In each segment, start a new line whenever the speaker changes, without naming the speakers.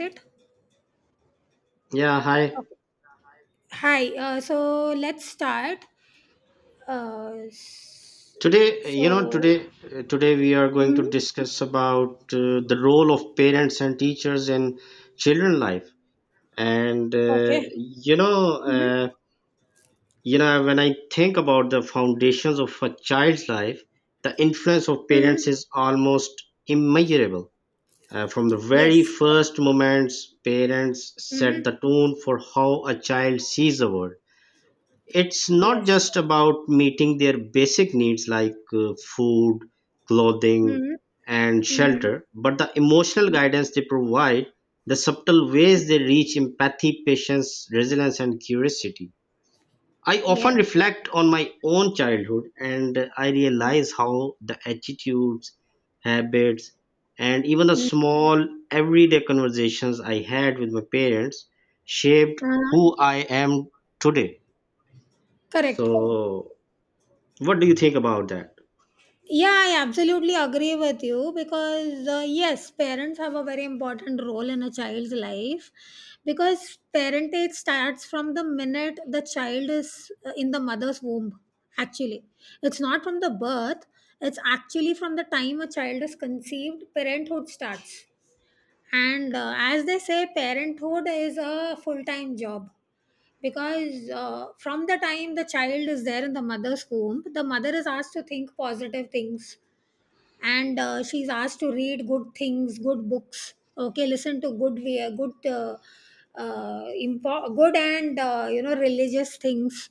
It?
Yeah, hi.
Okay. Hi. So let's start. Uh, s-
Today, you know,
so.
today, today we are going to
Hmm.
discuss about the role of parents and teachers in children life. And
Okay. Mm-hmm.
you know, When I think about the foundations of a child's life, the influence of parents
Hmm.
is almost immeasurable. From the very
Yes.
first moments, parents set the
Hmm.
tone for how a child sees the world. It's not
Yes.
just about meeting their basic needs like food, clothing,
Hmm.
and
Hmm.
shelter, but the emotional guidance they provide, the subtle ways they reach empathy, patience, resilience, and curiosity. I often
Yeah.
reflect on my own childhood and I
Hmm.
realize how the attitudes, habits, and even the small everyday conversations I had with my parents shaped who
Uh,
I am today.
correct.
So what do you think about that?
Yeah, I absolutely agree with you because, yes, parents have a very important role in a child's life because parentage starts from the minute the child is in the mother's womb. Actually, it's not from the birth, it's actually from the time a child is conceived, parenthood starts. And as they say, parenthood is a full time job because from the time the child is there in the mother's womb, the mother is asked to think positive things, and she's asked to read good things, good books, okay, listen to good good and religious things,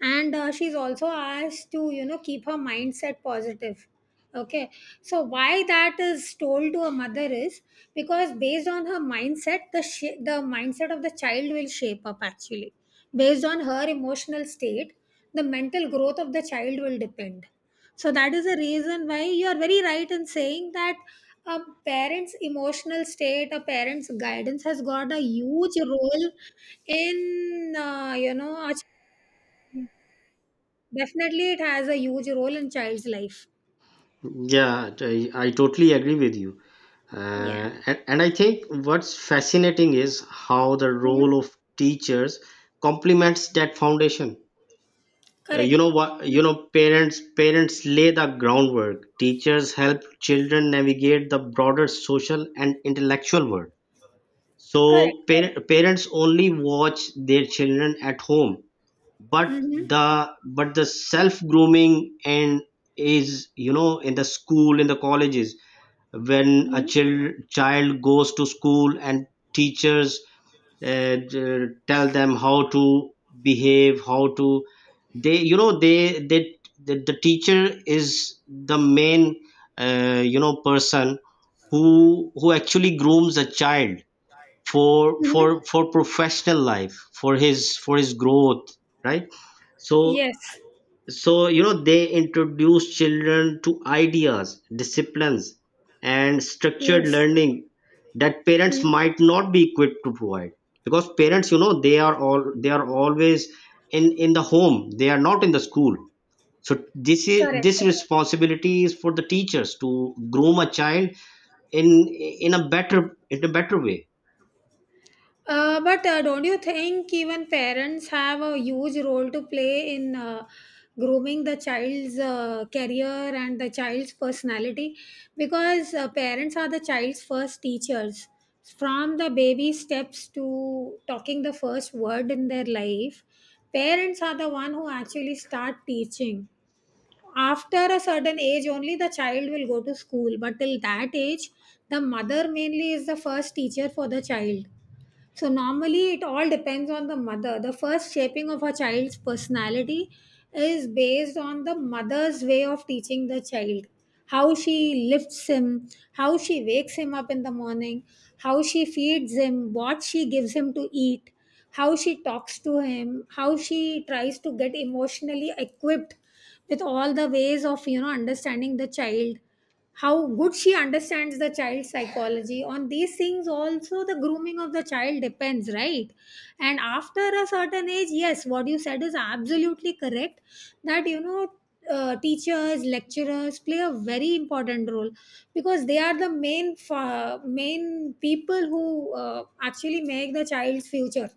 and she's also asked to keep her mindset positive, okay. So why that is told to a mother is because based on her mindset the mindset of the child will shape up actually, based on her emotional state the mental growth of the child will depend. So that is the reason why you are very right in saying that a parent's emotional state, a parent's guidance has got a huge role in. Definitely it has a huge role in child's life.
Yeah, I totally agree with you.
Yeah.
And I think what's fascinating is how the
Hmm.
role of teachers complements that foundation.
Correct. Mhm.
Parents lay the groundwork. Teachers help children navigate the broader social and intellectual world.
Correct.
So parents only watch their children at home, but
Hmm.
the but the self grooming and is you know in the school, in the colleges, when a
Hmm.
child goes to school and teachers tell them how to behave, how to, they you know they the teacher is the main you know person who actually grooms a child
Hmm.
for professional life, for his growth, right? so
Yes.
so you know they introduce children to ideas, disciplines, and structured
Yes.
learning that parents
Hmm.
might not be equipped to provide, because parents you know they are all they are always in the home, they are not in the school. So this is this
Correct.
responsibility is for the teachers to groom a child in in a better, in a better way.
But don't you think even parents have a huge role to play in grooming the child's career and the child's personality? Because parents are the child's first teachers. From the baby steps to talking the first word in their life, parents are the one who actually start teaching. After a certain age, only the child will go to school, but till that age, the mother mainly is the first teacher for the child, so normally it all depends on the mother. The first shaping of a child's personality is based on the mother's way of teaching the child. How she lifts him, how she wakes him up in the morning, how she feeds him, what she gives him to eat, how she talks to him, how she tries to get emotionally equipped with all the ways of understanding the child, how good she understands the child's psychology. On these things also the grooming of the child depends, right? And after a certain age, yes, what you said is absolutely correct, that teachers, lecturers play a very important role because they are the main people who actually make the child's future.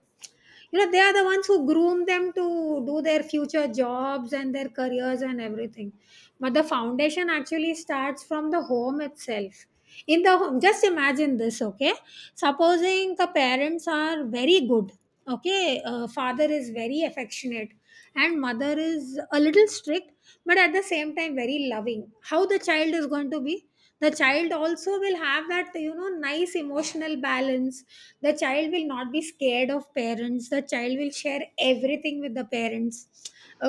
They are the ones who groom them to do their future jobs and their careers and everything, but the foundation actually starts from the home itself. In the home, just imagine this, okay. Supposing the parents are very good, okay, father is very affectionate and mother is a little strict, but at the same time very loving. How the child is going to be? The child also will have that nice emotional balance. The child will not be scared of parents. The child will share everything with the parents,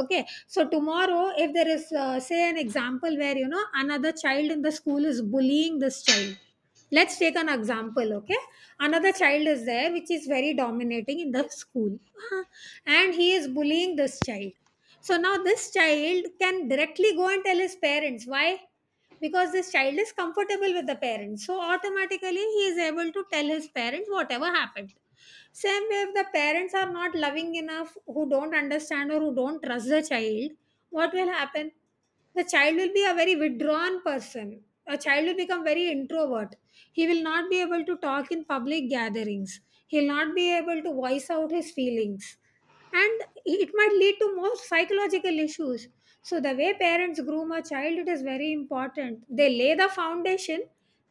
okay. So tomorrow if there is, say, an example where another child in the school is bullying this child, let's take an example, okay. Another child is there which is very dominating in the school and he is bullying this child. So now this child can directly go and tell his parents. Why? Because this child is comfortable with the parents. So automatically he is able to tell his parents whatever happened. Same way, if the parents are not loving enough, who don't understand or who don't trust the child, what will happen? The child will be a very withdrawn person. A child will become very introvert. He will not be able to talk in public gatherings. He'll not be able to voice out his feelings, and it might lead to more psychological issues. So the way parents groom a child, it is very important. They lay the foundation,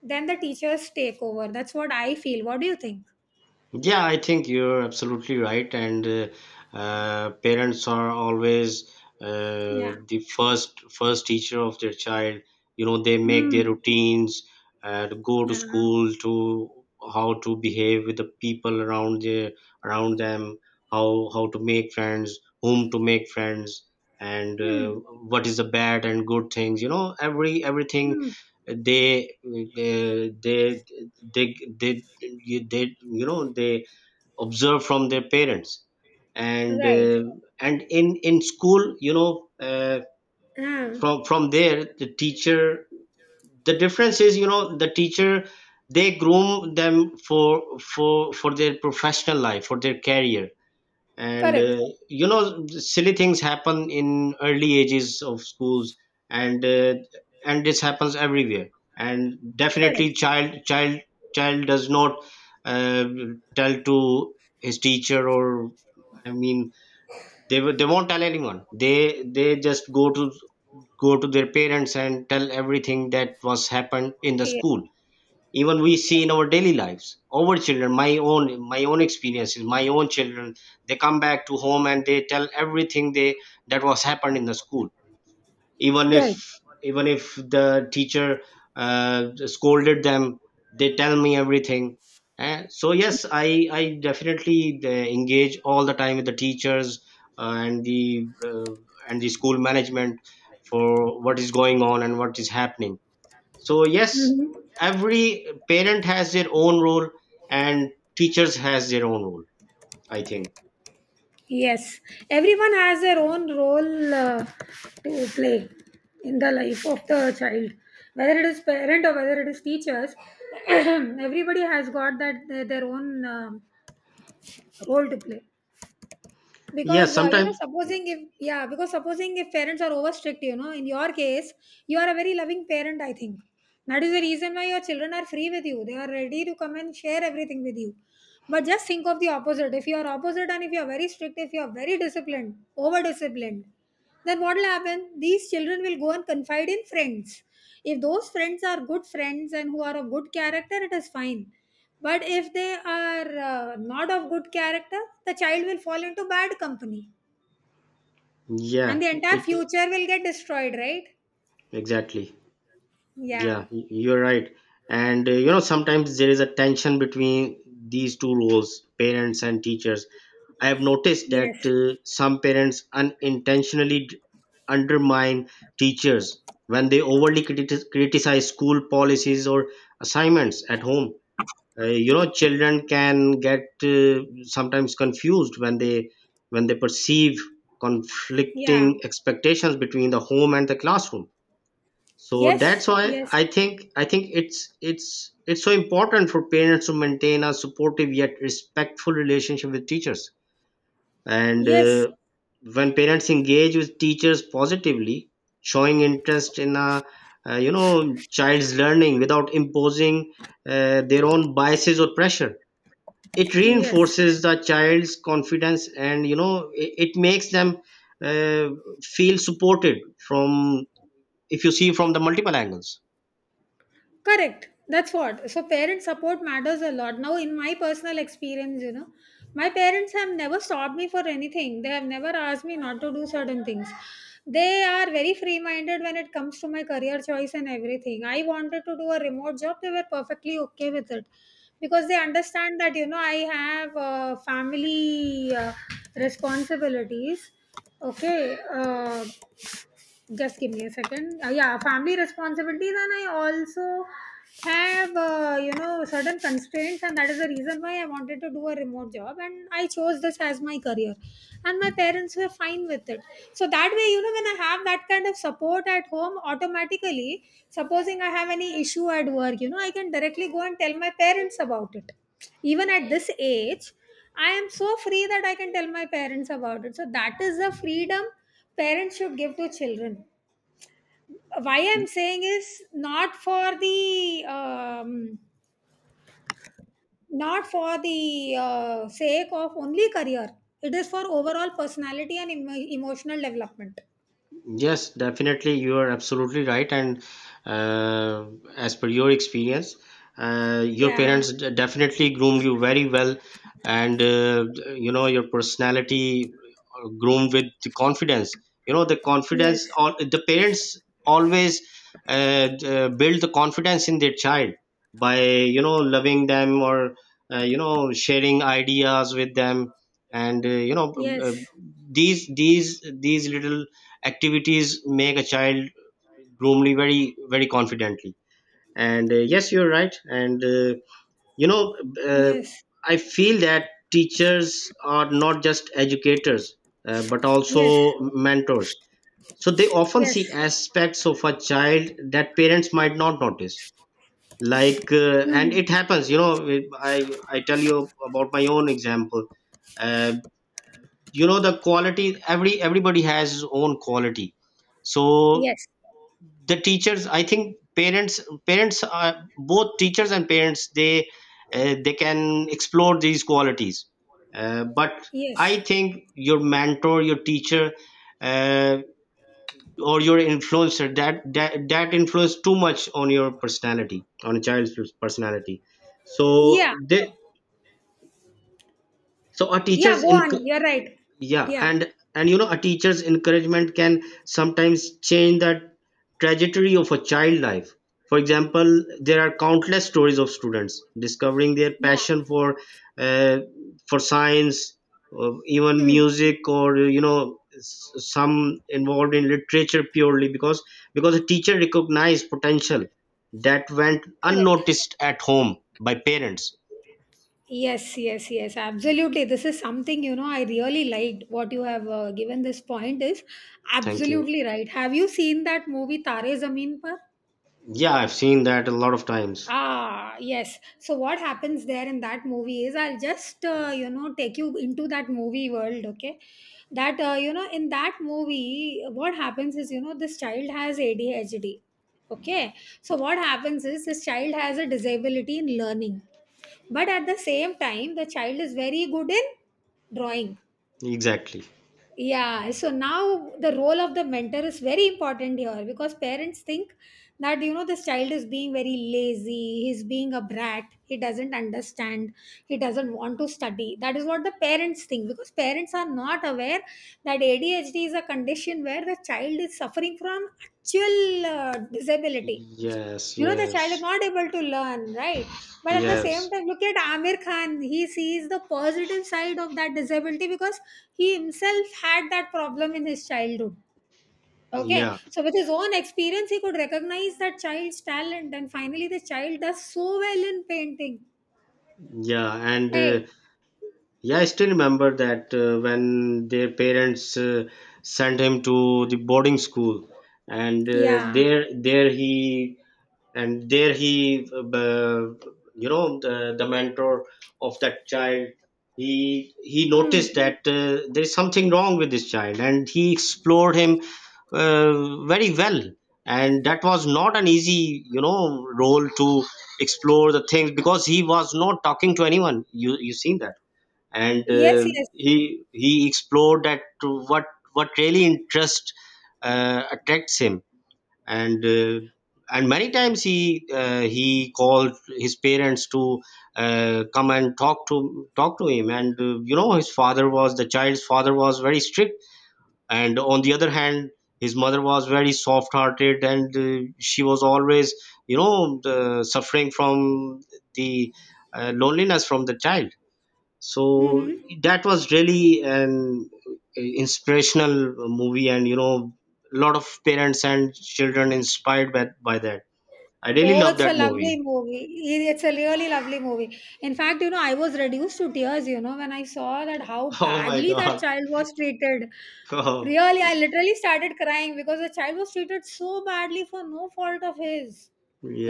then the teachers take over. That's what I feel. What do you think?
Yeah, I think you're absolutely right. And parents are always
Yeah.
the first teacher of their child. You know, they make their
Mm.
routines, to go to
Yeah.
school, to how to behave with the people around them, how to make friends, whom to make friends, and
Hmm.
what is the bad and good things. You know, everything
Hmm.
they they they they they they you know they observe from their parents. and
Right.
uh, and in school you know,
Ah.
from there the teacher, the difference is you know the teacher, they groom them for their professional life, for their career. And
Correct.
You know, silly things happen in early ages of schools, and uh, and this happens everywhere, and definitely
Correct.
child does not uh, tell to his teacher, or I mean they they won't tell anyone, they just go to their parents and tell everything that was happened in the
Yes,
school. Even we see
yes.
in our daily lives, our children, my own experiences, my own children, they come back to home and they tell everything they that was happened in the school, even
Right.
if even if the teacher scolded them, they tell me everything. So yes, I definitely engage all the time with the teachers uh, and the uh, and the school management for what is going on and what is happening. So yes,
Mm-hmm.
every parent has their own role, and teachers has their own role, I think.
Yes, everyone has their own role to play in the life of the child, whether it is parent or whether it is teachers. Everybody has got that their own role to play,
Yeah,
because
sometimes.
supposing if yeah because supposing if parents are over strict, in your case you are a very loving parent, I think. That is the reason why your children are free with you, they are ready to come and share everything with you. But just think of the opposite. If you are opposite and if you are very strict, if you are very disciplined, over disciplined, then what will happen? These children will go and confide in friends. If those friends are good friends and who are of good character, it is fine. But if they are not of good character, the child will fall into bad company, and
Yeah,
the entire
it.
future will get destroyed, right?
Exactly.
Yeah.
Yeah, you're right. And You know, sometimes there is a tension between these two roles, parents and teachers. I have noticed that
Yes.
some parents unintentionally undermine teachers when they overly criticize school policies or assignments at home. You know, children can get sometimes confused when they, when they perceive conflicting
Yeah.
expectations between the home and the classroom. So that's
Yes.
why
Yes.
I think it's so important for parents to maintain a supportive yet respectful relationship with teachers, and
Yes.
uh, when parents engage with teachers positively, showing interest in a you know child's learning without imposing their own biases or pressure, it
Yes.
reinforces the child's confidence and you know, it makes them uh, feel supported from, if you see from the multiple angles.
Correct. That's what. So parent support matters a lot. Now, in my personal experience, my parents have never stopped me for anything. They have never asked me not to do certain things. They are very free minded when it comes to my career choice and everything. I wanted to do a remote job, they were perfectly okay with it because they understand that, I have family responsibilities. Okay. Just give me a second, yeah, family responsibilities, and I also have certain constraints, and that is the reason why I wanted to do a remote job and I chose this as my career, and my parents were fine with it. So that way, when I have that kind of support at home, automatically, supposing I have any issue at work, I can directly go and tell my parents about it. Even at this age, I am so free that I can tell my parents about it. So that is the freedom parents should give to children. Why I'm saying is not for the um, not for the sake of only career, it is for overall personality and emotional development.
Yes, definitely. You are absolutely right. And uh, as per your experience, your
Yeah.
parents definitely groomed you very well. And, you know, your personality groomed with the confidence. You know, the
Yes.
confidence, all, the parents always build the confidence in their child by, you know, loving them, or you know, sharing ideas with them. And, uh,
Yes.
these little activities make a child normally very very confidently. And Yes, you're right. And uh, you know uh,
Yes.
I feel that teachers are not just educators but
Yes.
also mentors, so they often see
Yes.
aspects of a child that parents might not notice, like and
Hmm.
it happens you know, I tell you about my own example. uh, you know, the quality, everybody has his own quality. So
Yes.
the teachers, I think parents are both teachers and parents, they can explore these qualities, but
Yes.
I think your mentor, your teacher, uh, or your influencer, that influence too much on your personality, on a child's personality.
Yeah.
So they so our
Yeah,
teachers,
go on, you're right.
yeah.
Yeah.
And you know, a teacher's encouragement can sometimes change the trajectory of a child life. For example, there are countless stories of students discovering their
Yeah.
passion uh, for science or even
Hmm.
music, or you know, some involved in literature purely because a teacher recognized potential that went
Correct.
unnoticed at home by parents.
Yes, yes, yes, absolutely. This is something, I really liked what you have given. This point is
Thank you.
absolutely right. Have you seen that movie Tare Zameen Par?
Yeah, I've seen that a lot of times.
Ah, yes. So what happens there in that movie is, I'll just take you into that movie world, okay? That in that movie, what happens is, this child has ADHD. Okay? So what happens is, this child has a disability in learning. But at the same time the child is very good in drawing,
Exactly.
yeah. So now the role of the mentor is very important here, because parents think that, this child is being very lazy, he's being a brat, he doesn't understand, he doesn't want to study. That is what the parents think, because parents are not aware that ADHD is a condition where the child is suffering from actual disability,
Yes,
the child is
yes,
not able to learn, right? But at the same
yes,
time, look at Amir Khan. He sees the positive side of that disability because he himself had that problem in his childhood. Okay,
yeah,
so with his own experience, he could recognize that child's talent, and finally, the child does so well in painting.
yeah. and
Right?
Yeah, I still remember that when their parents sent him to the boarding school, and uh,
Yeah.
there, there he, and there he, you know the mentor of that child, he
Hmm.
noticed that there is something wrong with this child and he explored him very well. And that was not an easy you know role to explore the things, because he was not talking to anyone, you seen that. And
Yes, yes.
He explored that to what really interest attracts him. And uh, and many times he called his parents to come and talk to him. And You know, his father was, the child's father was very strict, and on the other hand his mother was very soft hearted, and she was always you know the, suffering from the loneliness from the child. So
Mm-hmm.
that was really an inspirational movie, and you know a lot of parents and children inspired by that. I really
Oh,
love
it's a
that
lovely
movie.
movie. It's a really lovely movie. In fact, I was reduced to tears, when I saw that how
Oh my
badly that
god.
child was treated.
Oh,
Really, I literally started crying because the child was treated so badly for no fault of his.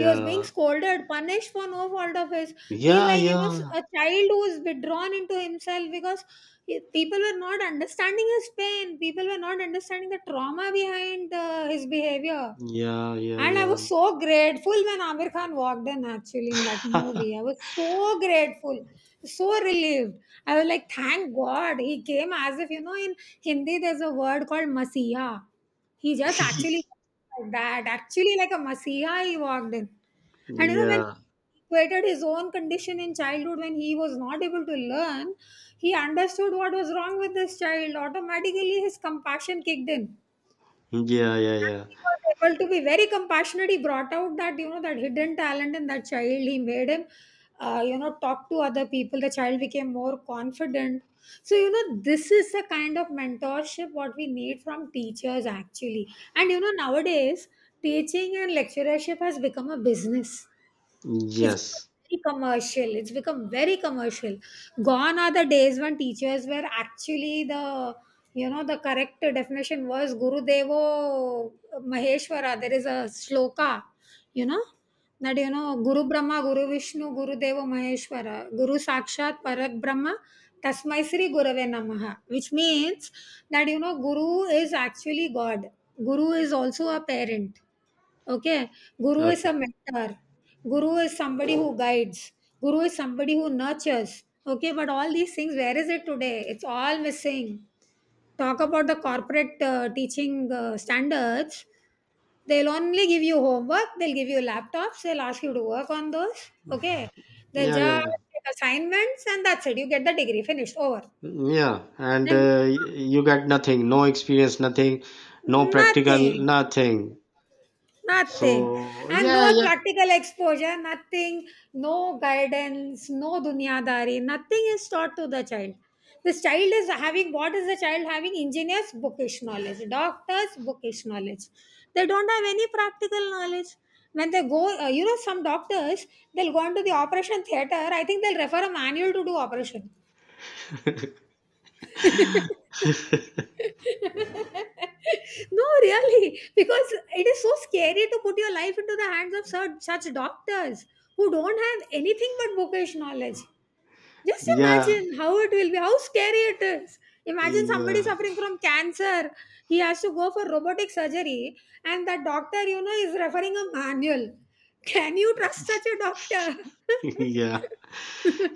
He was being scolded, punished for no fault of his. He,
yeah,
like,
yeah,
a child who is withdrawn into himself because people were not understanding his pain. People were not understanding the trauma behind his behavior.
yeah, yeah,
And I
yeah.
was so grateful when Amir Khan walked in actually in that movie. I was so grateful, so relieved. I was like, thank God. He came as if, in Hindi there's a word called Masiya. He just actually like that, actually like a Masiya, he walked in. And when
Yeah,
he equated his own condition in childhood, when he was not able to learn, he understood what was wrong with this child. Automatically, his compassion kicked in,
yeah, yeah, yeah.
he was able to be very compassionate. He brought out that you know that hidden talent in that child. He made him, talk to other people. The child became more confident. This is the kind of mentorship what we need from teachers actually. Nowadays teaching and lecturership has become a business. It's
Yes.
become very commercial. It's become very commercial. Gone are the days when teachers were actually the, the correct definition was Guru Devo Maheshwara. There is a sloka, you know. Guru Brahma, Guru Vishnu, Guru Devo Maheshwara, Guru Sakshat, Parak Brahma, Tasmai Sri Gurave Namaha, which means Guru is actually God. Guru is also a parent. Okay, guru is a
Okay.
mentor. Guru is somebody who guides. Guru is somebody who nurtures. Okay, but all these things, where is it today? It's all missing. Talk about the corporate teaching standards. They'll only give you homework, they'll give you laptops, they'll ask you to work on those. Okay, they'll
Yeah, yeah,
just
yeah,
take assignments and that's it. You get the degree finished, over.
yeah. and
Then
uh, you get nothing, no experience, nothing, no practical,
nothing.
nothing.
Nothing.
So
And no
yeah, yeah,
practical exposure, nothing, no guidance, no dunyadari, nothing is taught to the child. This child is having, what is the child having? Engineers, bookish knowledge. Doctors, bookish knowledge. They don't have any practical knowledge. When they go, some doctors, they'll go into the operation theater. I think they'll refer a manual to do operation. No, really, because it is so scary to put your life into the hands of such, doctors who don't have anything but bookish knowledge. Just
yeah,
imagine how it will be, how scary it is. Imagine somebody
yeah,
suffering from cancer, he has to go for robotic surgery, and that doctor, is referring a manual. Can you trust such a doctor?
yeah,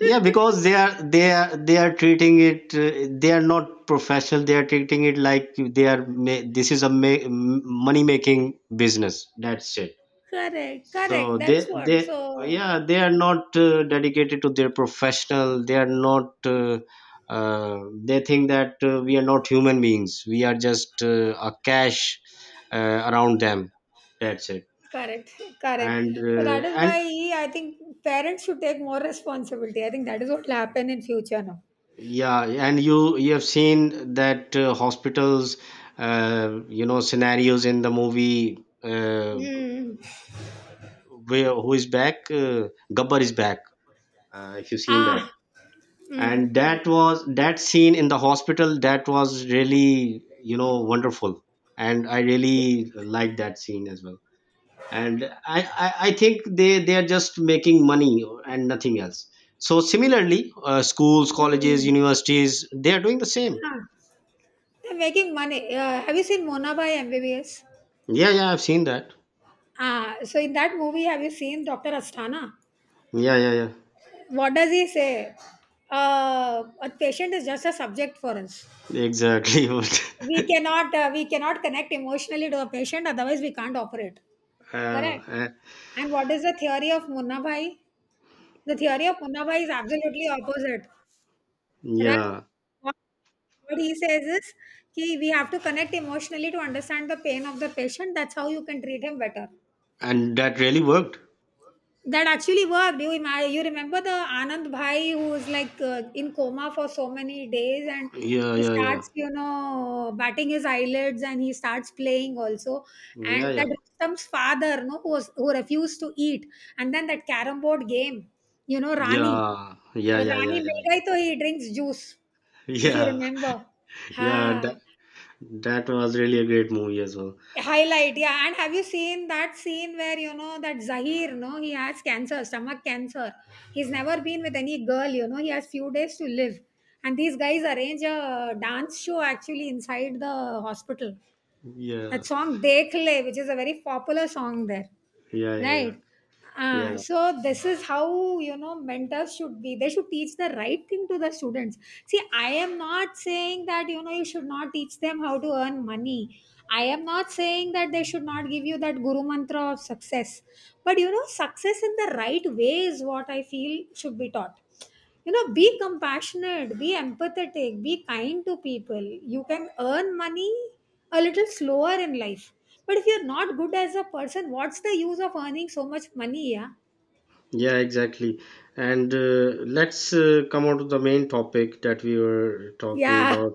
yeah. Because they are treating it. They are not professional. They are treating it like they are. This is a money making business. That's it.
Correct,
So
correct, that's what.
they,
So,
yeah, they are not dedicated to their professional. They are not. Uh, they think that we are not human beings. We are just a cash around them. That's it.
correct, correct.
and
So that
uh,
is
and
why I think parents should take more responsibility. I think that is what will happen in future now.
yeah, and you have seen that hospitals you know scenarios in the movie
Mm.
where who is back, Gabbar Is Back, if you've seen that.
Ah. Mm.
And that was that scene in the hospital, that was really you know wonderful, and I really liked that scene as well. And I think they are just making money and nothing else. So similarly, schools, colleges,
Mm.
universities, they are doing the same.
Ah. They're making money. Have you seen Mona by MBBS?
Yeah, yeah, I've seen that.
Ah, so in that movie, have you seen Dr. Asthana?
Yeah, yeah, yeah.
What does he say? A patient is just a subject for us.
Exactly. What?
We cannot connect emotionally to a patient, otherwise we can't operate.
uh,
Correct.
uh,
And what is the theory of Munnabai? The theory of Munnabai is absolutely opposite. Right?
yeah,
What what he says is ki we have to connect emotionally to understand the pain of the patient. That's how you can treat him better.
and that really worked.
That actually worked. You remember the anand bhai who was like in coma for so many days, and
Yeah,
he
yeah, yeah,
starts batting his eyelids, and he starts playing also.
yeah,
And
yeah,
that Rustam's father, no, who refused to eat, and then that carom board game, you know, rani,
yeah, yeah,
uh,
yeah, yeah,
rani
yeah,
mil gayi, to he drinks juice, if you
yeah.
remember. Ha.
Yeah, that, that was really a great movie as well.
Highlight, yeah. And have you seen that scene where that Zahir, no, he has cancer, stomach cancer. He's never been with any girl. He has few days to live, and these guys arrange a dance show actually inside the hospital.
Yeah,
That song "Dekhle," which is a very popular song there,
yeah, yeah, yeah,
right?
yeah.
So this is how, mentors should be, they should teach the right thing to the students. See, I am not saying that, you should not teach them how to earn money. I am not saying that they should not give you that guru mantra of success. But, success in the right way is what I feel should be taught. Be compassionate, be empathetic, be kind to people. You can earn money a little slower in life, but if you're not good as a person, what's the use of earning so much money? Yeah,
Yeah, exactly. And Let's come on to the main topic that we were talking
yeah,
about.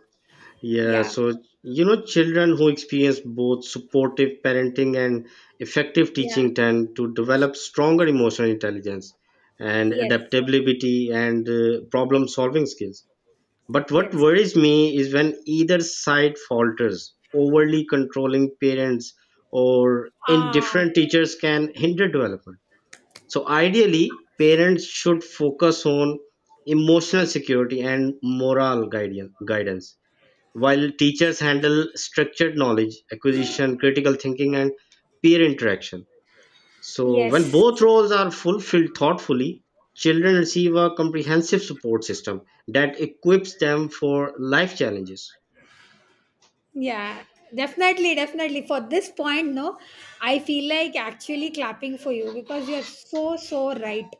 Yeah,
yeah,
so you know, children who experience both supportive parenting and effective
yeah.
teaching tend to develop stronger emotional intelligence and
Yes,
adaptability and problem solving skills. But what
yes.
worries me is when either side falters, overly controlling parents or
Ah,
indifferent teachers can hinder development. So ideally, parents should focus on emotional security and moral guidance, guidance, while teachers handle structured knowledge acquisition, critical thinking, and peer interaction. So when
yes.
both roles are fulfilled thoughtfully, children receive a comprehensive support system that equips them for life challenges.
Yeah, definitely, definitely. For this point, no, I feel like actually clapping for you because you're so, so right.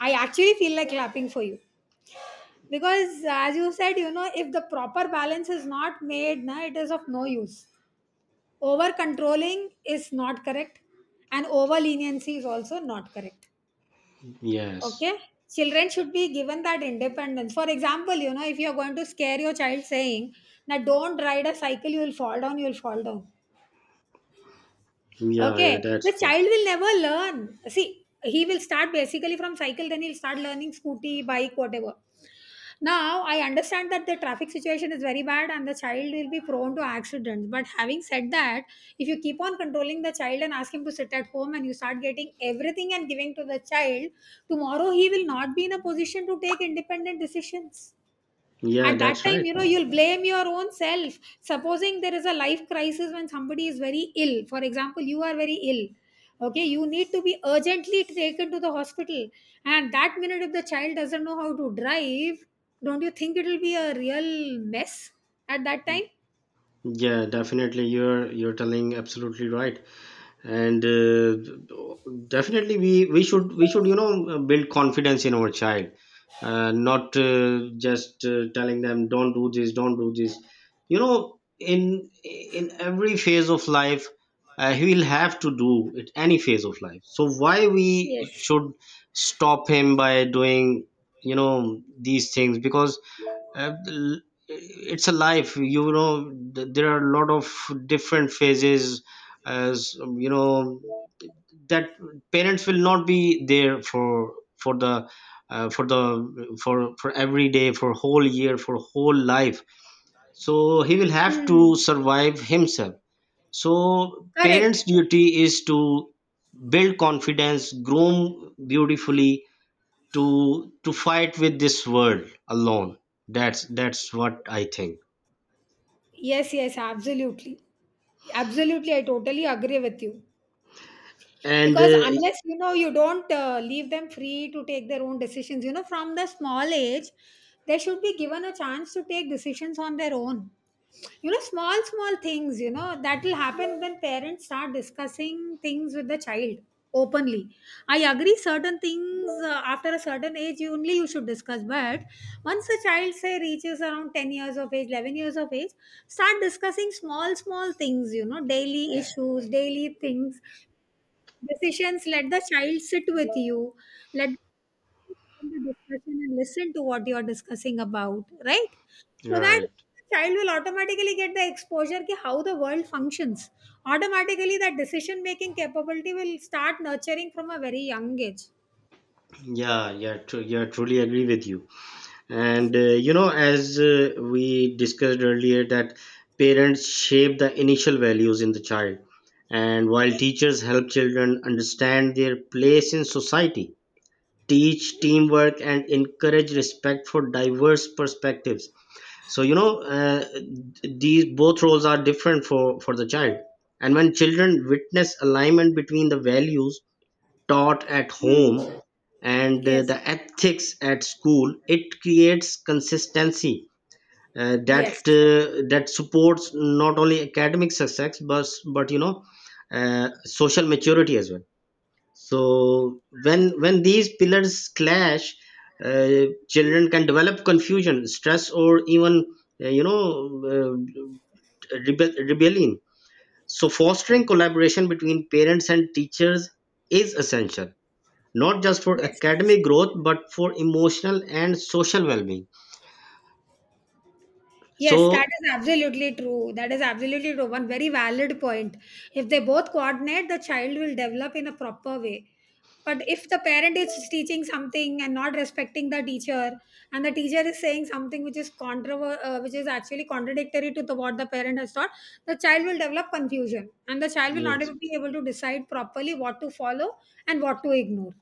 I actually feel like clapping for you, because as you said, if the proper balance is not made, na, it is of no use. Over controlling is not correct, and over leniency is also not correct.
Yes.
Okay, children should be given that independence. For example, if you are going to scare your child saying, now don't ride a cycle, you will fall down, you will fall down,
Yeah,
okay,
yeah,
the
that's true.
child will never learn. See, he will start basically from cycle, then he'll start learning scooty, bike, whatever. Now, I understand that the traffic situation is very bad and the child will be prone to accidents. But having said that, if you keep on controlling the child and ask him to sit at home and you start getting everything and giving to the child, tomorrow he will not be in a position to take independent decisions.
Yeah,
At that
that's
time,
right.
you'll blame your own self. Supposing there is a life crisis when somebody is very ill, for example you are very ill, okay, you need to be urgently taken to the hospital, and that minute if the child doesn't know how to drive, don't you think it will be a real mess at that time?
Yeah, definitely. You're telling absolutely right. and definitely we should build confidence in our child, not just telling them don't do this, don't do this. You know, in every phase of life, he will have to do it any phase of life, so why we
Yes.
should stop him by doing, you know, these things? Because uh, it's a life, you know. There are a lot of different phases, as you know, that parents will not be there for the, uh, for the for every day, for whole year, for whole life. So he will have to
Hmm.
survive himself. So
Correct.
parents duty is to build confidence, groom beautifully, to fight with this world alone. That's what I think.
Yes, yes, absolutely, absolutely, I totally agree with you.
And
Because unless, you don't leave them free to take their own decisions, from the small age, they should be given a chance to take decisions on their own. Small small things, that will happen when parents start discussing things with the child openly. I agree, certain things after a certain age you only you should discuss. But once a child, say, reaches around 10 years of age, 11 years of age, start discussing small small things, daily issues, daily things, decisions. Let the child sit with you, let them do the discussion and listen to what you're discussing about, right? So that
right.
the child will automatically get the exposure to how the world functions. Automatically that decision making capability will start nurturing from a very young age.
Yeah, yeah, true. Yeah, truly agree with you. And you know, as we discussed earlier, that parents shape the initial values in the child, and while teachers help children understand their place in society, teach teamwork, and encourage respect for diverse perspectives. So you know, these both roles are different for the child. And when children witness alignment between the values taught at
Hmm.
home and
Yes,
the ethics at school, it creates consistency that
yes,
that supports not only academic success but you know, social maturity as well. So when these pillars clash, children can develop confusion, stress, or even, uh, you know uh, rebellion. So fostering collaboration between parents and teachers is essential, not just for
yes.
academic growth but for emotional and social well-being.
Yes, that
So
is absolutely true. That is absolutely true. One very valid point. If they both coordinate, the child will develop in a proper way. But if the parent is teaching something and not respecting the teacher, and the teacher is saying something which is which is actually contradictory to the, what the parent has taught, the child will develop confusion, and the child will not
yes.
even be able to decide properly what to follow and what to ignore.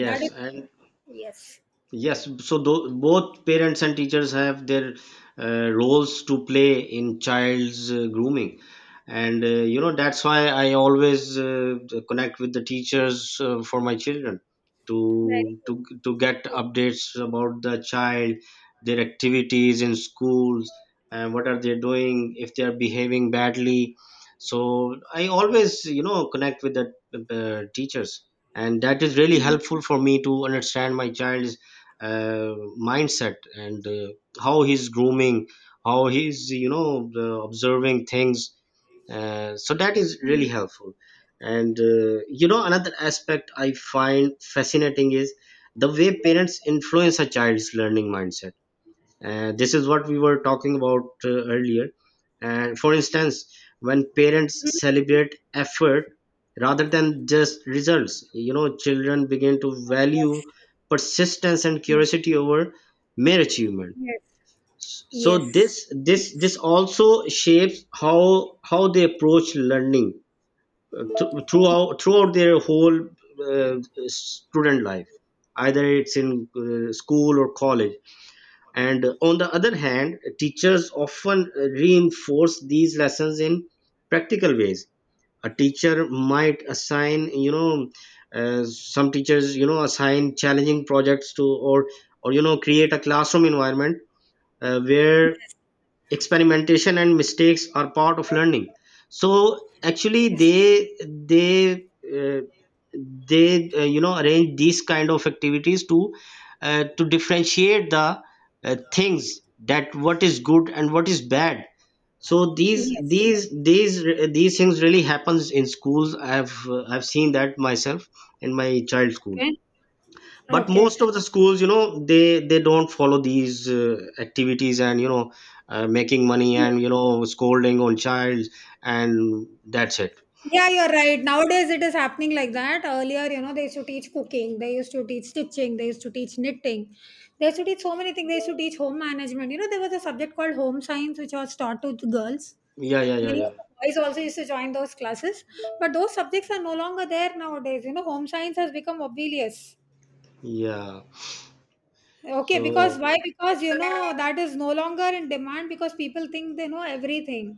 That is correct.
and
Yes.
yes, so both parents and teachers have their roles to play in child's grooming. And you know, that's why I always connect with the teachers for my children,
Very good.
to get updates about the child, their activities in schools, and what are they doing, if they are behaving badly. So I always, you know, connect with the teachers. And that is really helpful for me to understand my child uh, mindset, and how he's grooming, how he's, you know, the observing things. So that is really helpful. And you know, another aspect I find fascinating is the way parents influence a child's learning mindset. This is what we were talking about earlier. And for instance, when parents
Mhm.
celebrate effort rather than just results, you know, children begin to value
Yes.
persistence and
Yes.
curiosity over mere achievement.
Yes.
So this
Yes.
this
Yes.
this also shapes how they approach learning throughout their whole uh, student life, either it's in school or college. And on the other hand, teachers often reinforce these lessons in practical ways. A teacher might assign, you know, some teachers, you know, assign challenging projects to, or you know, create a classroom environment where experimentation and mistakes are part of learning. So actually
Yes.
they, uh, they, you know, arrange these kind of activities to differentiate the things, that what is good and what is bad. So
Yes.
these these these things really happens in schools. I've I've seen that myself in my child school.
Okay.
But
Okay.
most of the schools, you know, they don't follow these activities, and you know, making money
Mm.
and you know, scolding on child, and that's it.
Yeah, you're right. Nowadays it is happening like that. Earlier, they used to teach cooking, they used to teach stitching, they used to teach knitting, they used to teach so many things. They used to teach home management. There was a subject called home science which was taught to the girls.
Yeah, yeah, yeah,
Many of
yeah,
the boys also used to join those classes, but those subjects are no longer there nowadays. Home science has become obvious.
yeah.
Okay, because
So
why? Because, that is no longer in demand because people think they know everything.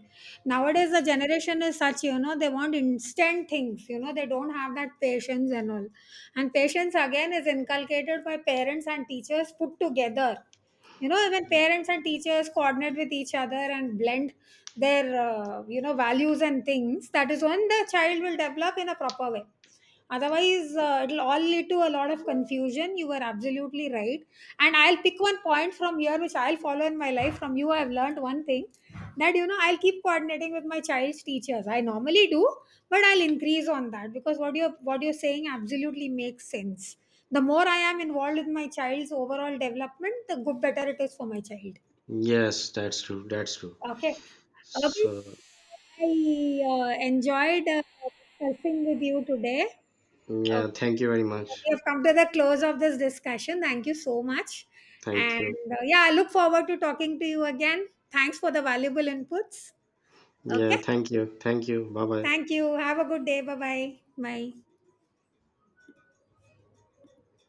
Nowadays, the generation is such, they want instant things, they don't have that patience and all. And patience again is inculcated by parents and teachers put together. When parents and teachers coordinate with each other and blend their, values and things, that is when the child will develop in a proper way. Otherwise, it'll all lead to a lot of confusion. You were absolutely right, and I'll pick one point from here which I'll follow in my life. From you I've learned one thing, that, I'll keep coordinating with my child's teachers. I normally do, but I'll increase on that, because what you're saying absolutely makes sense. The more I am involved with my child's overall development, the good better it is for my child.
yes, that's true, that's true.
Okay. Okay.
So
I enjoyed discussing with you today.
yeah, thank you very much.
We have come to the close of this discussion. Thank you so much.
Thank
And
you.
yeah, I look forward to talking to you again. Thanks for the valuable inputs. Okay.
Yeah, thank you, thank you, bye bye.
Thank you. Have a good day. Bye-bye. Bye.